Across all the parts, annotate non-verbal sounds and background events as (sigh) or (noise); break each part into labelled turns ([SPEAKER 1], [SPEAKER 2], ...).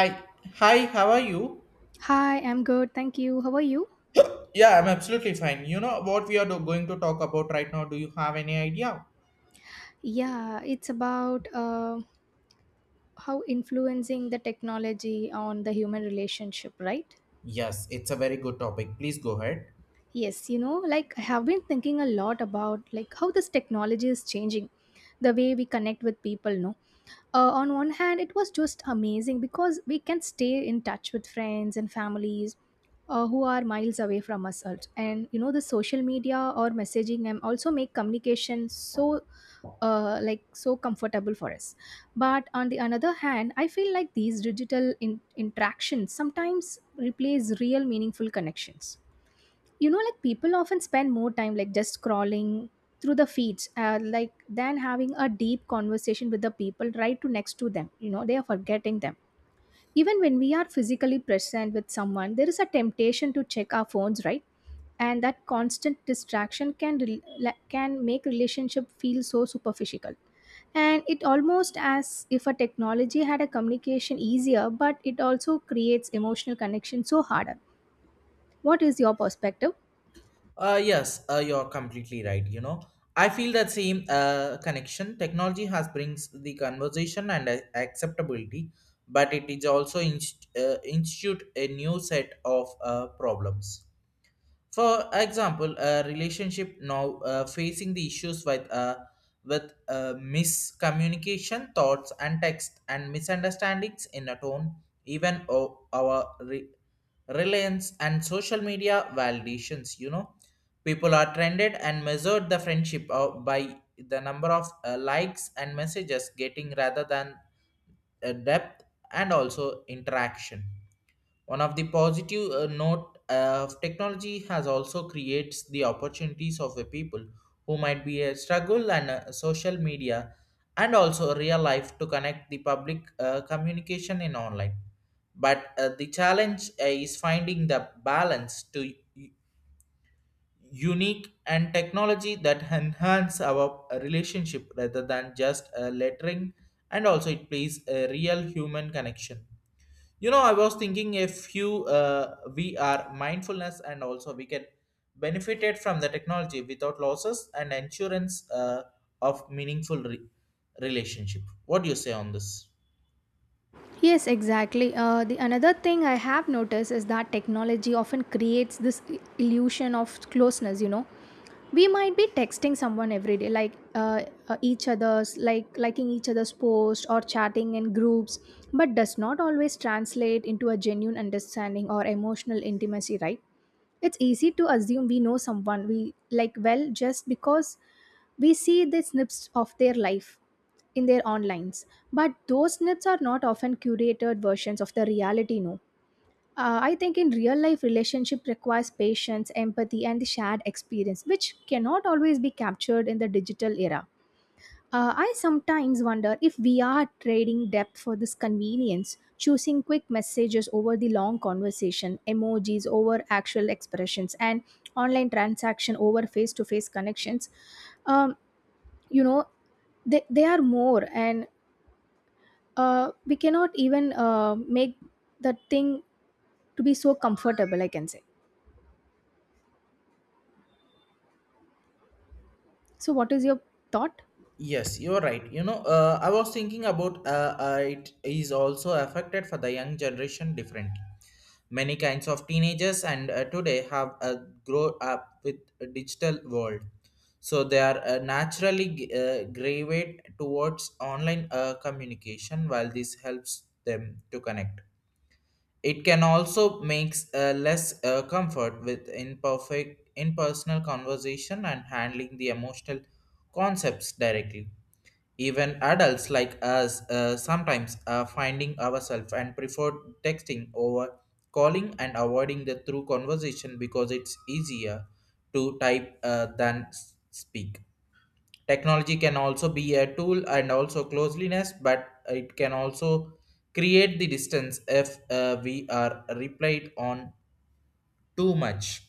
[SPEAKER 1] Hi, hi, how are you?
[SPEAKER 2] Hi, I'm good. Thank you. How are you?
[SPEAKER 1] Yeah, I'm absolutely fine. You know what we are going to talk about right now? Do you have any idea?
[SPEAKER 2] Yeah, it's about how influencing the technology on the human relationship, right?
[SPEAKER 1] Yes, it's a very good topic. Please go ahead.
[SPEAKER 2] Yes, you know, like I have been thinking a lot about like how this technology is changing the way we connect with people, no? On one hand, it was just amazing because we can stay in touch with friends and families who are miles away from us also. And you know, the social media or messaging and also make communication so like so comfortable for us, but on the another hand I feel like these interactions sometimes replace real meaningful connections. You know, like people often spend more time like just scrolling through the feeds, like than having a deep conversation with the people right to next to them. You know, they are forgetting them even when we are physically present with someone. There is a temptation to check our phones, right? And that constant distraction can make relationship feel so superficial. And it almost as if a technology had a communication easier, but it also creates emotional connection so harder. What is your perspective?
[SPEAKER 1] Yes, you're completely right. You know, I feel that same connection. Technology has brings the conversation and acceptability, but it is also institute a new set of problems. For example, a relationship now facing the issues with miscommunication, thoughts and text, and misunderstandings in a tone, even our reliance and social media validations. You know, people are trended and measured the friendship by the number of likes and messages getting rather than depth and also interaction. One of the positive note of technology has also creates the opportunities of the people who might be a struggle and social media and also real life to connect the public communication in online. But the challenge is finding the balance to unique and technology that enhance our relationship rather than just lettering and also it plays a real human connection. You know, I was thinking a few we are mindfulness and also we can benefited from the technology without losses and insurance of meaningful relationship. What do you say on this?
[SPEAKER 2] Yes, exactly. The another thing I have noticed is that technology often creates this illusion of closeness. You know, we might be texting someone every day, like each other's, like liking each other's post or chatting in groups, but does not always translate into a genuine understanding or emotional intimacy, right? It's easy to assume we know someone we like well just because we see the snips of their life in their onlines, but those snips are not often curated versions of the reality, no. I think in real life relationship requires patience, empathy, and the shared experience which cannot always be captured in the digital era. I sometimes wonder if we are trading depth for this convenience, choosing quick messages over the long conversation, emojis over actual expressions, and online transaction over face-to-face connections. um, you know they are more, and we cannot even make that thing to be so comfortable, I can say. So what is your thought?
[SPEAKER 1] Yes, you're right. You know, I was thinking about it is also affected for the young generation differently. Many kinds of teenagers and today have grow up with a digital world, so they are naturally gravitate towards online communication. While this helps them to connect, it can also makes less comfort with imperfect, impersonal conversation and handling the emotional concepts directly. Even adults like us sometimes are finding ourselves and prefer texting over calling and avoiding the through conversation because it's easier to type than speak. Technology can also be a tool and also closeliness, but it can also create the distance if we are relied on too much.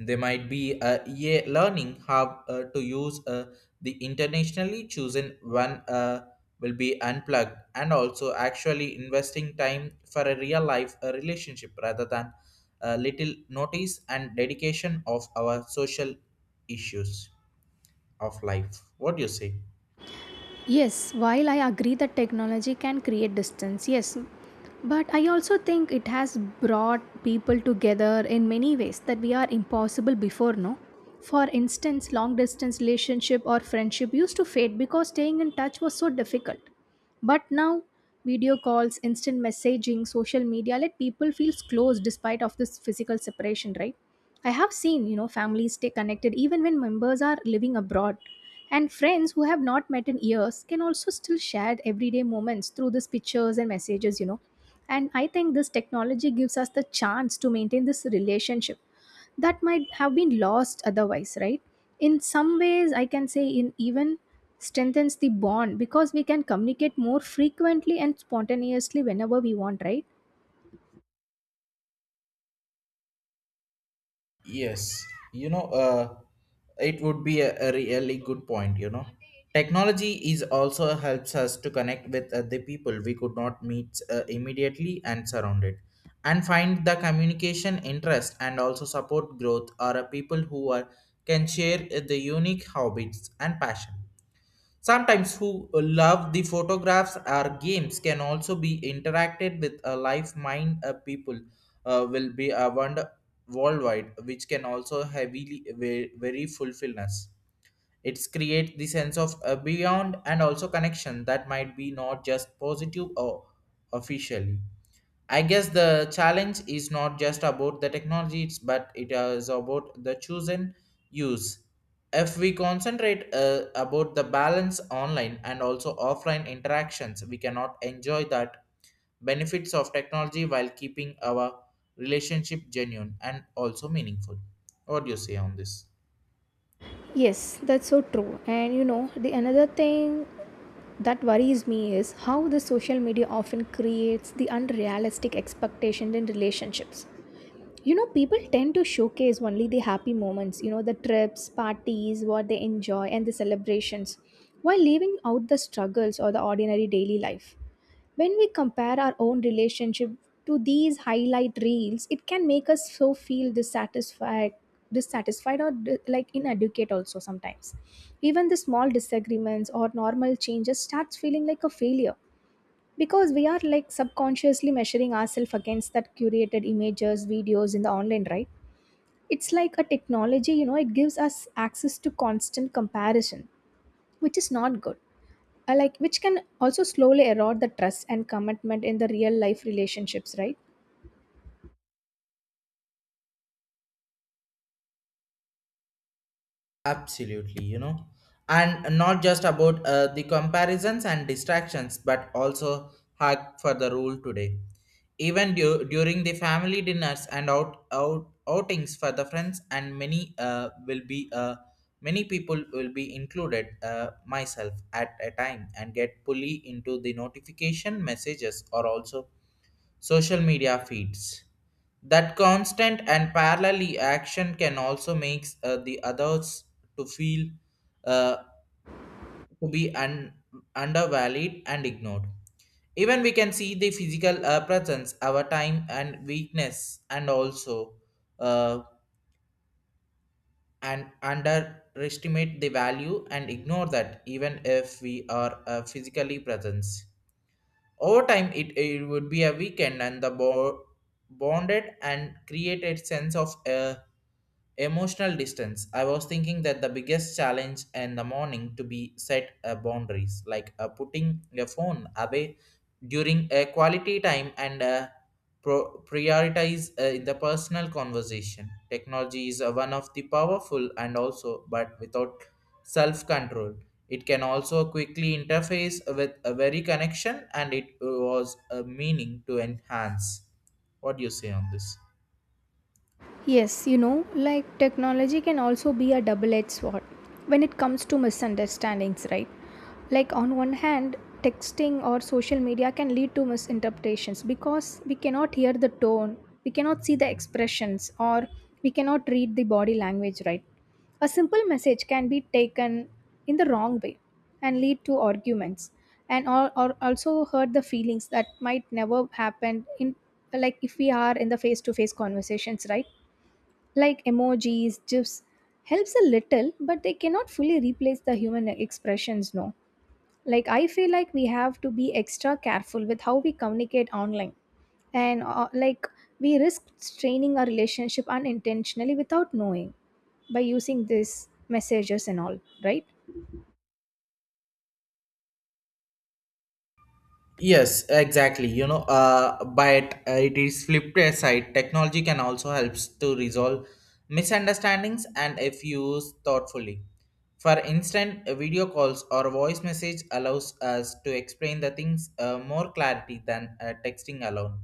[SPEAKER 1] They might be learning how to use the internationally chosen one will be unplugged and also actually investing time for a real life relationship rather than a little notice and dedication of our social issues of life. What do you say?
[SPEAKER 2] Yes, while I agree that technology can create distance, yes, but I also think it has brought people together in many ways that we are impossible before, no? For instance, long distance relationship or friendship used to fade because staying in touch was so difficult. But now, video calls, instant messaging, social media let people feel close despite of this physical separation, right? I have seen, you know, families stay connected even when members are living abroad. And friends who have not met in years can also still share everyday moments through these pictures and messages, you know. And I think this technology gives us the chance to maintain this relationship that might have been lost otherwise, right? In some ways, I can say in even strengthens the bond because we can communicate more frequently and spontaneously whenever we want, right?
[SPEAKER 1] Yes, you know, it would be a really good point. You know, technology is also helps us to connect with the people we could not meet immediately and surrounded, and find the communication interest and also support growth are people who are can share the unique hobbies and passion. Sometimes who love the photographs or games can also be interacted with a live mind people will be around worldwide, which can also heavily very, very fulfillness. It's create the sense of beyond and also connection that might be not just positive or officially. I guess the challenge is not just about the technologies but it is about the chosen use. If we concentrate about the balance online and also offline interactions we cannot enjoy that benefits of technology while keeping our relationship genuine and also meaningful. What do you say on this?
[SPEAKER 2] Yes, that's so true. And you know, the another thing that worries me is how the social media often creates the unrealistic expectations in relationships. You know, people tend to showcase only the happy moments, you know, the trips, parties, what they enjoy, and the celebrations, while leaving out the struggles or the ordinary daily life. When we compare our own relationship to these highlight reels, it can make us so feel dissatisfied or like inadequate also sometimes. Even the small disagreements or normal changes starts feeling like a failure because we are like subconsciously measuring ourselves against that curated images, videos in the online, right? It's like a technology, you know, it gives us access to constant comparison, which is not good, like which can also slowly erode the trust and commitment in the real life relationships, right?
[SPEAKER 1] Absolutely, you know, and not just about the comparisons and distractions but also hug for the rule today. Even during the family dinners and outings for the friends and many will be many people will be included myself at a time and get pulley into the notification messages or also social media feeds. That constant and parallel action can also make the others to feel uh, to be un- undervalued and ignored. Even we can see the physical presence, our time and weakness, and also uh, and underestimate the value and ignore that even if we are physically present. Over time, it would be a weekend and the bonded and created sense of emotional distance. I was thinking that the biggest challenge in the morning to be set boundaries, like putting your phone away during a quality time and prioritize in the personal conversation. Technology is one of the powerful and also, but without self control, it can also quickly interface with a very connection and it was a meaning to enhance. What do you say on this?
[SPEAKER 2] Yes, you know, like technology can also be a double edged sword when it comes to misunderstandings, right? Like, on one hand, texting or social media can lead to misinterpretations because we cannot hear the tone, we cannot see the expressions, or we cannot read the body language, right? A simple message can be taken in the wrong way and lead to arguments and or also hurt the feelings that might never happen in like if we are in the face to face conversations, right? Like emojis, gifs helps a little, but they cannot fully replace the human expressions, no. Like I feel like we have to be extra careful with how we communicate online, and like we risk straining our relationship unintentionally without knowing by using these messages and all, right?
[SPEAKER 1] Yes, exactly. You know, but it is flipped aside. Technology can also helps to resolve misunderstandings and if used thoughtfully. For instance, video calls or voice message allows us to explain the things more clarity than texting alone.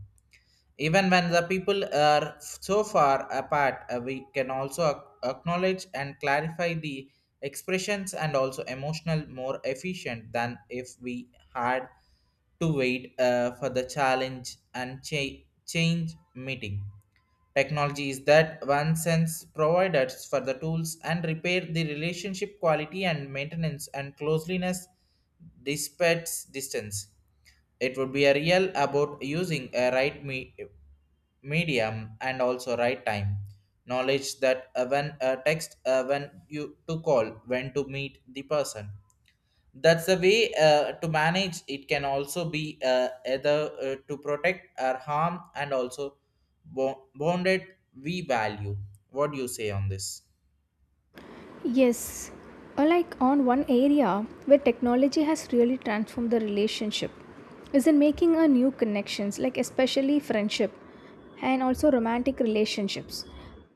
[SPEAKER 1] Even when the people are so far apart, we can also acknowledge and clarify the expressions and also emotional more efficient than if we had to wait for the challenge and change meeting. Technology is that one sense providers for the tools and repair the relationship quality and maintenance and closeliness despite distance. It would be a real about using a right me medium and also right time knowledge that when text when you to call when to meet the person, that's the way to manage it can also be either to protect or harm and also bonded we value. What do you say on this?
[SPEAKER 2] Yes, or like on one area where technology has really transformed the relationship is in making a new connections, like especially friendship and also romantic relationships,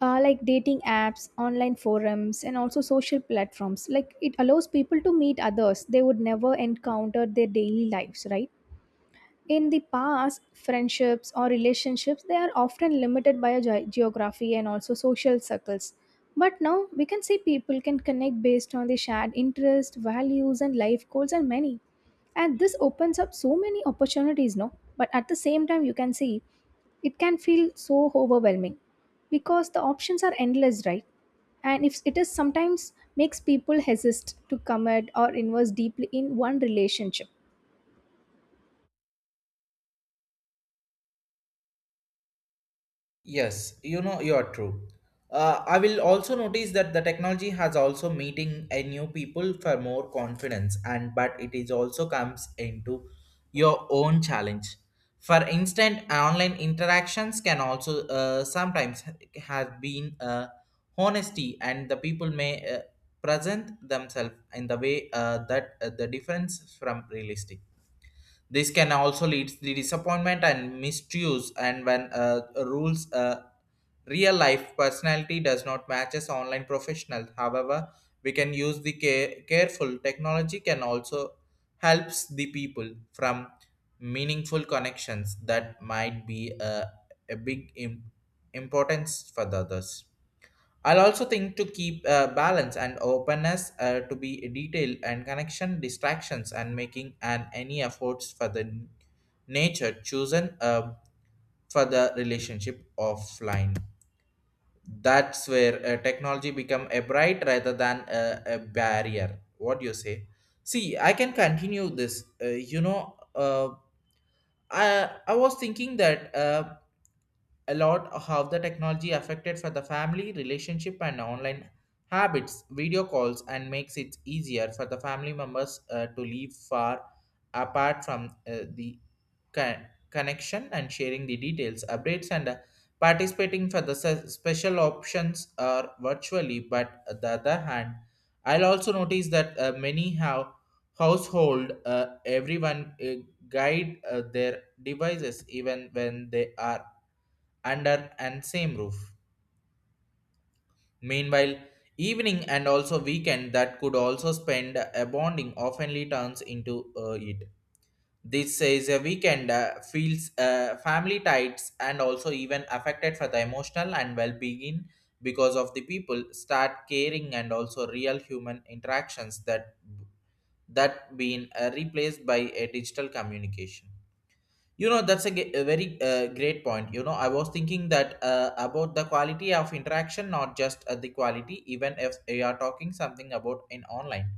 [SPEAKER 2] like dating apps, online forums, and also social platforms. Like it allows people to meet others they would never encounter their daily lives, right? In the past, friendships or relationships they are often limited by a geography and also social circles, but now we can see people can connect based on the shared interest, values, and life goals and many, and this opens up so many opportunities, no? But at the same time you can see it can feel so overwhelming because the options are endless, right? And if it is sometimes makes people hesitate to commit or invest deeply in one relationship.
[SPEAKER 1] Yes, you know, you're true. I will also notice that the technology has also meeting a new people for more confidence, and but it is also comes into your own challenge. For instance, online interactions can also sometimes have been honesty, and the people may present themselves in the way that the difference from realistic. This can also lead to disappointment and misuse, and when rules real life personality does not matches online professional. However, we can use the careful technology can also helps the people from meaningful connections that might be a big importance for the others. I'll also think to keep balance and openness to be detail and connection distractions and making and any efforts for the nature chosen for the relationship offline. That's where technology become a bright rather than a barrier. What do you say? See, I can continue this. I was thinking that. A lot how the technology affected for the family relationship and online habits video calls and makes it easier for the family members to live far apart from the con- connection and sharing the details updates and participating for the special options are virtually. But on the other hand, I'll also notice that many how household everyone guide their devices even when they are under and same roof. Meanwhile, evening and also weekend that could also spend a bonding oftenly turns into it. This says a weekend feels family tights and also even affected for the emotional and well-being because of the people start caring and also real human interactions that been replaced by a digital communication. You know, that's a, a very great point. You know, I was thinking that about the quality of interaction not just the quality even if you are talking something about in online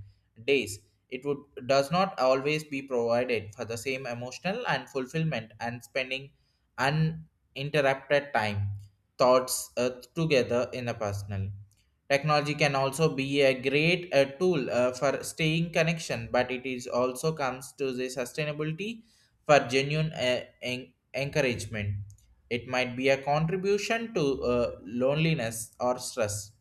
[SPEAKER 1] days, it would does not always be provided for the same emotional and fulfillment and spending uninterrupted time thoughts together in a personal. Technology can also be a great tool for staying connection but it is also comes to the sustainability for genuine encouragement. It might be a contribution to loneliness or stress.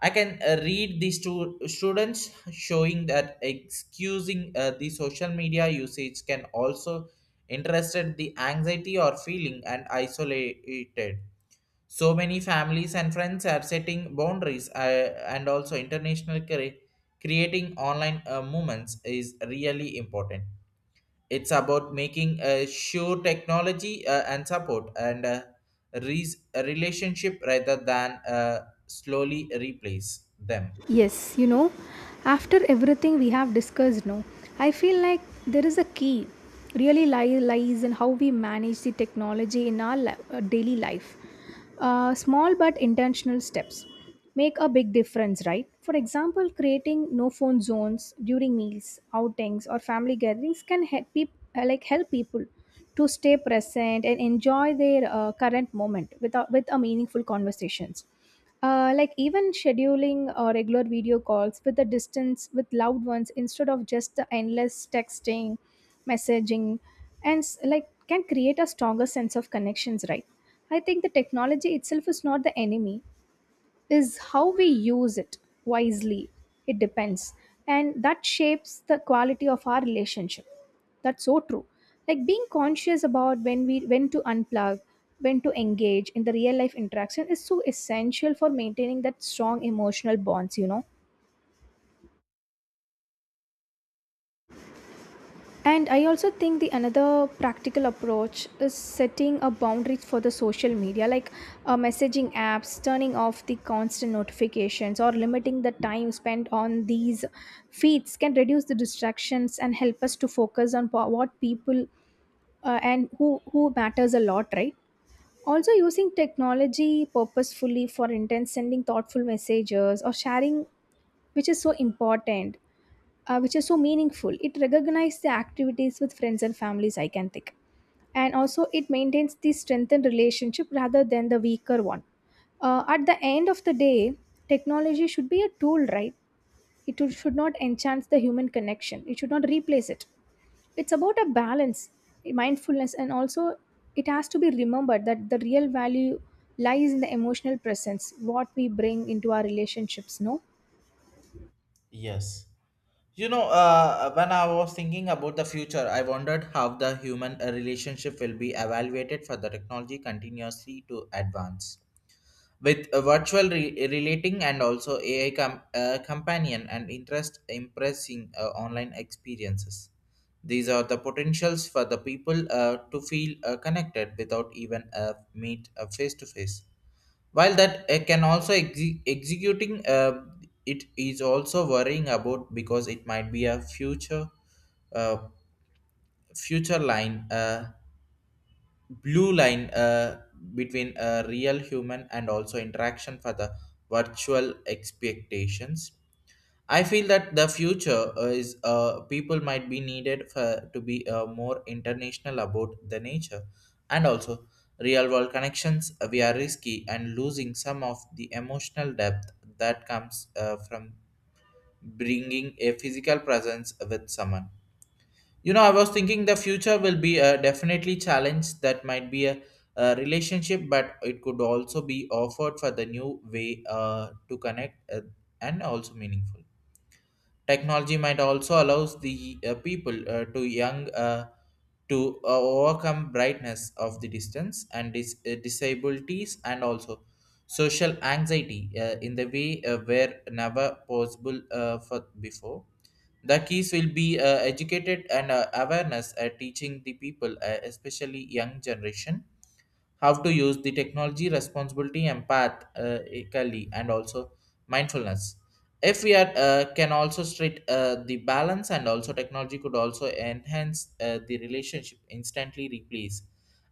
[SPEAKER 1] I can read these two students showing that excusing the social media usage can also interested the anxiety or feeling and isolated. So many families and friends are setting boundaries and also international creating online movements is really important. It's about making a sure technology and support and a relationship rather than slowly replace them.
[SPEAKER 2] Yes, you know, after everything we have discussed now, I feel like there is a key really lies in how we manage the technology in our daily life. Small but intentional steps make a big difference, right? For example, creating no phone zones during meals, outings, or family gatherings can help like help people to stay present and enjoy their current moment with with a meaningful conversations. Like even scheduling regular video calls with a distance with loved ones instead of just the endless texting, messaging, and like can create a stronger sense of connections, right? I think the technology itself is not the enemy, is how we use it wisely. It depends. And that shapes the quality of our relationship. That's so true. Like being conscious about when to unplug, when to engage in the real life interaction is so essential for maintaining that strong emotional bonds, you know. And I also think the another practical approach is setting a boundaries for the social media, like messaging apps, turning off the constant notifications, or limiting the time spent on these feeds can reduce the distractions and help us to focus on po- what people and who matters a lot, right? Also, using technology purposefully for intent, sending thoughtful messages or sharing, which is so important, which is so meaningful. It recognizes the activities with friends and families, I can think. And also, it maintains the strengthened relationship rather than the weaker one. At the end of the day, technology should be a tool, right? It should not enhance the human connection, it should not replace it. It's about a balance, mindfulness, and also it has to be remembered that the real value lies in the emotional presence, what we bring into our relationships, no?
[SPEAKER 1] Yes, you know, when I was thinking about the future, I wondered how the human relationship will be evaluated for the technology continuously to advance with a virtual relating and also AI companion and interest impressing online experiences. These are the potentials for the people to feel connected without even meet face to face. While that can also executing it is also worrying about because it might be a future uh, future line. Blue line between a real human and also interaction for the virtual expectations. I feel that the future is, people might be needed for, to be more international about the nature and also real world connections. We are risky and losing some of the emotional depth that comes from bringing a physical presence with someone. You know, I was thinking the future will be a definitely challenge that might be a relationship, but it could also be offered for the new way to connect and also meaningful. Technology might also allows the people to young, to overcome brightness of the distance and disabilities and also social anxiety in the way where never possible for before. The keys will be educated and awareness, teaching the people, especially young generation, how to use the technology responsibility empath, ethically, and also mindfulness. If we are, can also treat the balance and also technology could also enhance the relationship instantly replace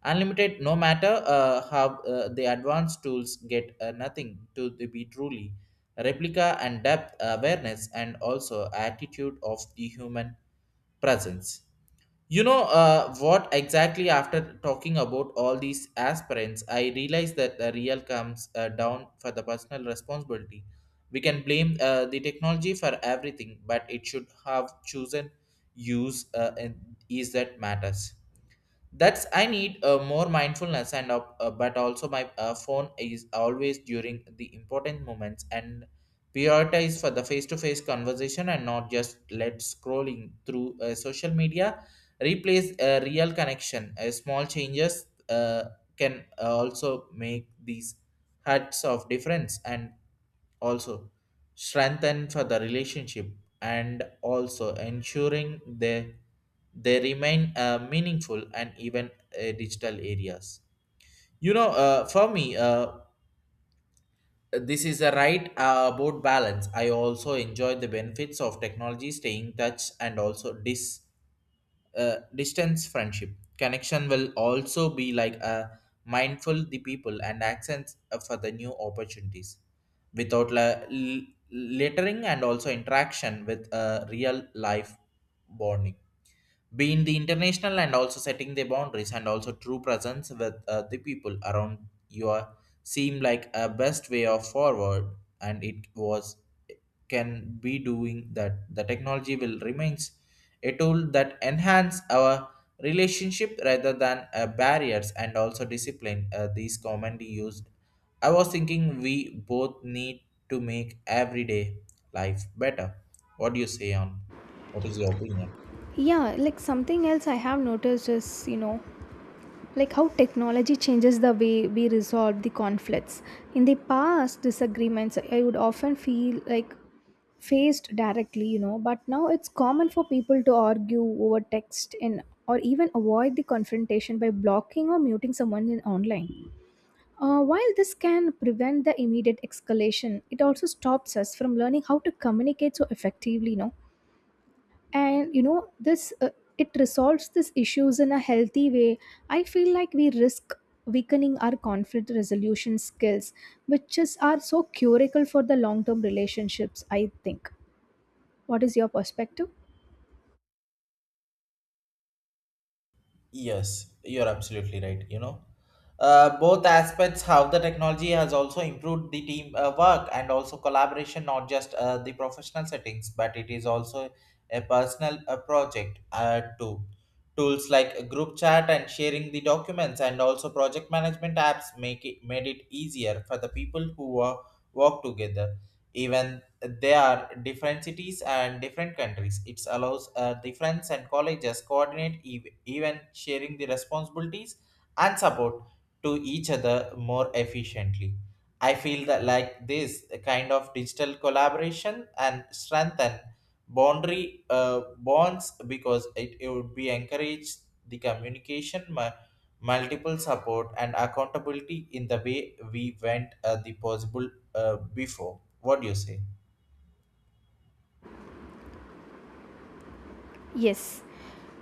[SPEAKER 1] unlimited. No matter how the advanced tools get, nothing to the be truly replica and depth awareness and also attitude of the human presence. You know, what exactly after talking about all these aspirants, I realized that the real comes down for the personal responsibility. We can blame the technology for everything, but it should have chosen use and is that matters. That's I need more mindfulness and but also my phone is always during the important moments, and prioritize for the face-to-face conversation and not just let scrolling through social media replace a real connection. Uh, small changes can also make these hearts of difference and also strengthen for the relationship and also ensuring they remain meaningful and even digital areas. You know, for me, this is a right about balance. I also enjoy the benefits of technology staying touch and also distance friendship connection will also be like a mindful the people and accents for the new opportunities without lettering and also interaction with a real life bonding. Being the international and also setting the boundaries and also true presence with the people around you are seem like a best way of forward. And it was can be doing that. The technology will remains a tool that enhance our relationship rather than barriers and also discipline these commonly used. I was thinking we both need to make everyday life better. What do you say on? What is your opinion?
[SPEAKER 2] Yeah, like something else I have noticed is, you know, like how technology changes the way we resolve the conflicts. In the past, disagreements I would often feel like faced directly, you know, but now it's common for people to argue over text and or even avoid the confrontation by blocking or muting someone in online. While this can prevent the immediate escalation, it also stops us from learning how to communicate so effectively, you know. And you know this, it resolves these issues in a healthy way. I feel like we risk weakening our conflict resolution skills, which is are so curable for the long term relationships, I think. What is your perspective?
[SPEAKER 1] Yes, you're absolutely right. You know, both aspects how the technology has also improved the team work and also collaboration, not just the professional settings, but it is also a personal project too. Tools like group chat and sharing the documents and also project management apps make it made it easier for the people who work together. Even there are different cities and different countries. It allows the friends and colleges coordinate even sharing the responsibilities and support to each other more efficiently. I feel that like this kind of digital collaboration and strengthen boundary bonds because it would be encourage the communication multiple support and accountability in the way we went the possible before. What do you say?
[SPEAKER 2] Yes,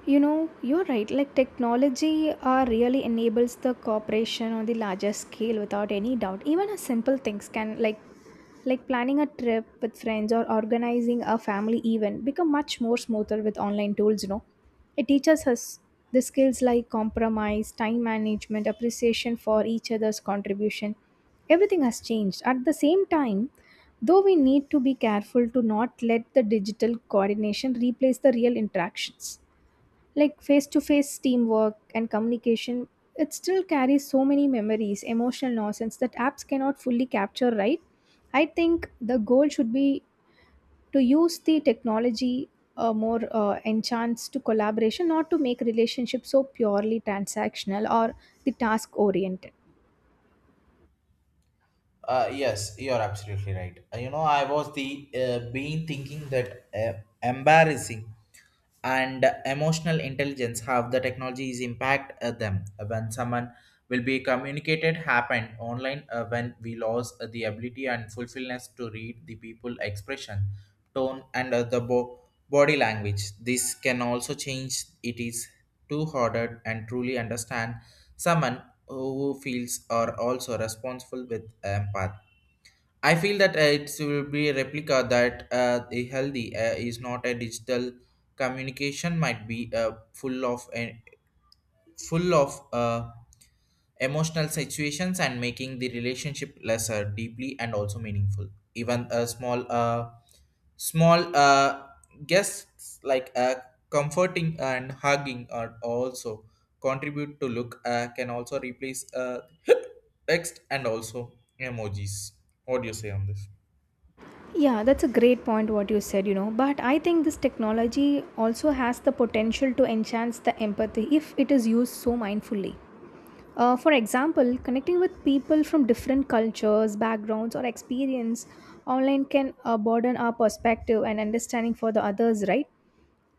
[SPEAKER 2] you know, you're right. Like technology really enables the cooperation on the larger scale without any doubt. Even a simple things can like planning a trip with friends or organizing a family event become much more smoother with online tools, you know. It teaches us the skills like compromise, time management, appreciation for each other's contribution. Everything has changed. At the same time, though we need to be careful to not let the digital coordination replace the real interactions, like face to face teamwork and communication, it still carries so many memories, emotional nonsense that apps cannot fully capture, right? I think the goal should be to use the technology more enchants to collaboration, not to make relationships so purely transactional or the task oriented.
[SPEAKER 1] Yes, you're absolutely right. You know, I was the being thinking that, embarrassing and emotional intelligence have the technology is impact them. When someone will be communicated happen online, when we lost the ability and fulfillness to read the people expression tone and the body language, this can also change it is too harder and truly understand someone who feels are also responsible with empath. I feel that it will be a replica that the healthy is not a digital communication might be full of full of uh, emotional situations and making the relationship lesser deeply and also meaningful. Even a small, small uh, guests like, comforting and hugging are also contribute to look can also replace (laughs) text and also emojis. What do you say on this?
[SPEAKER 2] Yeah, that's a great point what you said, you know. But I think this technology also has the potential to enhance the empathy if it is used so mindfully. For example, connecting with people from different cultures, backgrounds, or experience online can broaden our perspective and understanding for the others, right?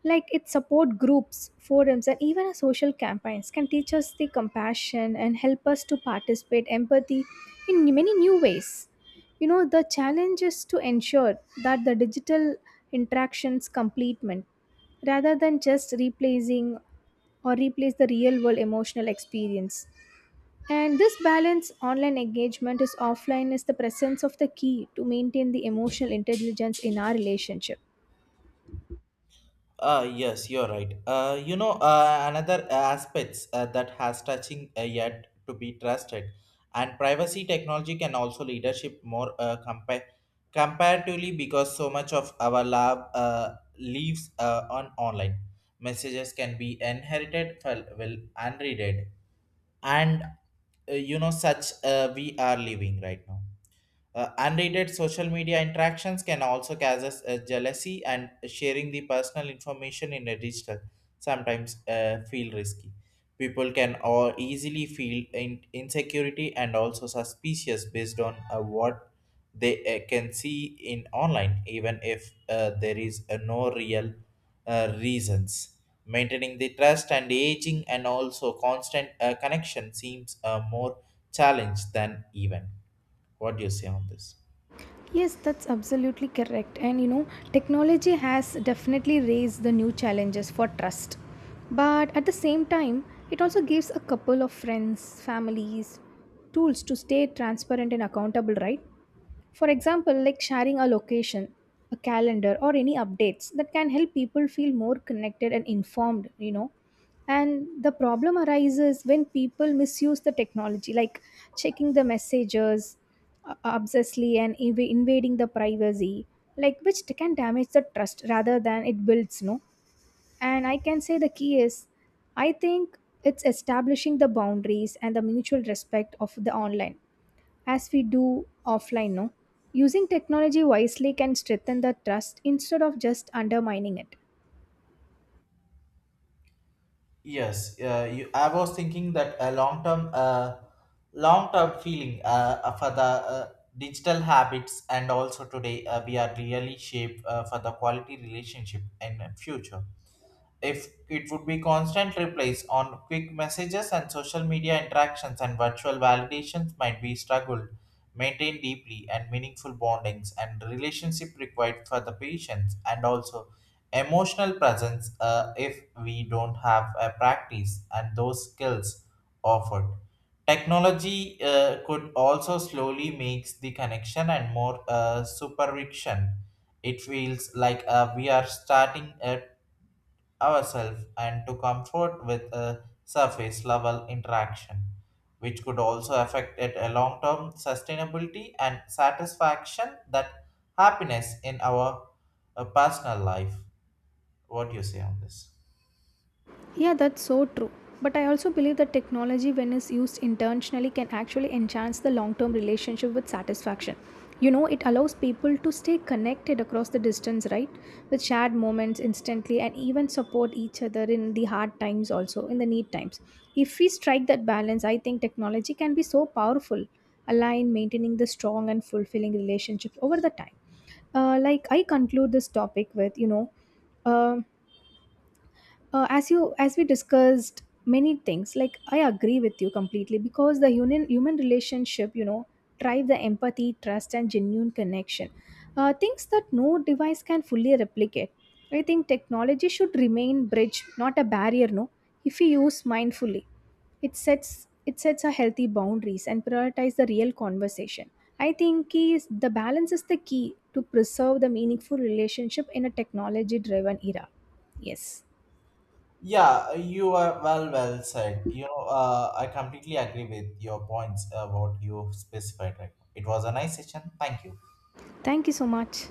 [SPEAKER 2] Like it support groups, forums, and even our social campaigns can teach us the compassion and help us to participate empathy in many new ways. You know, the challenge is to ensure that the digital interactions complement rather than just replacing or replace the real world emotional experience, and this balance online engagement is offline is the presence of the key to maintain the emotional intelligence in our relationship.
[SPEAKER 1] Yes, you're right. You know, another aspects that has touching yet to be trusted, and privacy technology can also leadership more compare comparatively because so much of our lab leaves on online messages can be inherited well unreaded, and you know such we are living right now. Unrated social media interactions can also cause us, jealousy and sharing the personal information in a digital sometimes feel risky. People can or easily feel insecurity and also suspicious based on what they can see in online, even if there is no real reasons. Maintaining the trust and aging and also constant connection seems a more challenge than even. What do you say on this?
[SPEAKER 2] Yes, that's absolutely correct. And you know, technology has definitely raised the new challenges for trust. But at the same time, it also gives a couple of friends, families, tools to stay transparent and accountable, right? For example, like sharing a location, a calendar, or any updates that can help people feel more connected and informed, you know. And the problem arises when people misuse the technology, like checking the messages obsessively and invading the privacy, like which can damage the trust rather than it builds, no. And I can say the key is, I think it's establishing the boundaries and the mutual respect of the online as we do offline, no. Using technology wisely can strengthen the trust instead of just undermining it.
[SPEAKER 1] Yes, you, I was thinking that a long term, long term feeling, for the digital habits and also today we are really shaped for the quality relationship in future. If it would be constant replies on quick messages and social media interactions and virtual validations might be struggled maintain deeply and meaningful bondings and relationship required for the patients and also emotional presence. If we don't have a practice and those skills offered, technology could also slowly makes the connection and more supervision. It feels like we are starting ourselves and to comfort with a surface level interaction, which could also affect it a long term sustainability and satisfaction that happiness in our personal life. What do you say on this?
[SPEAKER 2] Yeah, that's so true. But I also believe that technology, when it's used intentionally, can actually enhance the long term relationship with satisfaction. You know, it allows people to stay connected across the distance, right? With shared moments instantly and even support each other in the hard times, also in the need times. If we strike that balance, I think technology can be so powerful, align maintaining the strong and fulfilling relationships over the time. Like, I conclude this topic with, you know, um uh, as you as we discussed many things, like I agree with you completely because the human relationship, you know, drive the empathy, trust, and genuine connection, things that no device can fully replicate. I think technology should remain bridge, not a barrier, no. If we use mindfully, it sets it sets a healthy boundaries and prioritize the real conversation. I think is the balance is the key to preserve the meaningful relationship in a technology driven era. Yes.
[SPEAKER 1] Yeah, you are well said. You know, I completely agree with your points about you specified right now. It was a nice session. Thank you.
[SPEAKER 2] Thank you so much.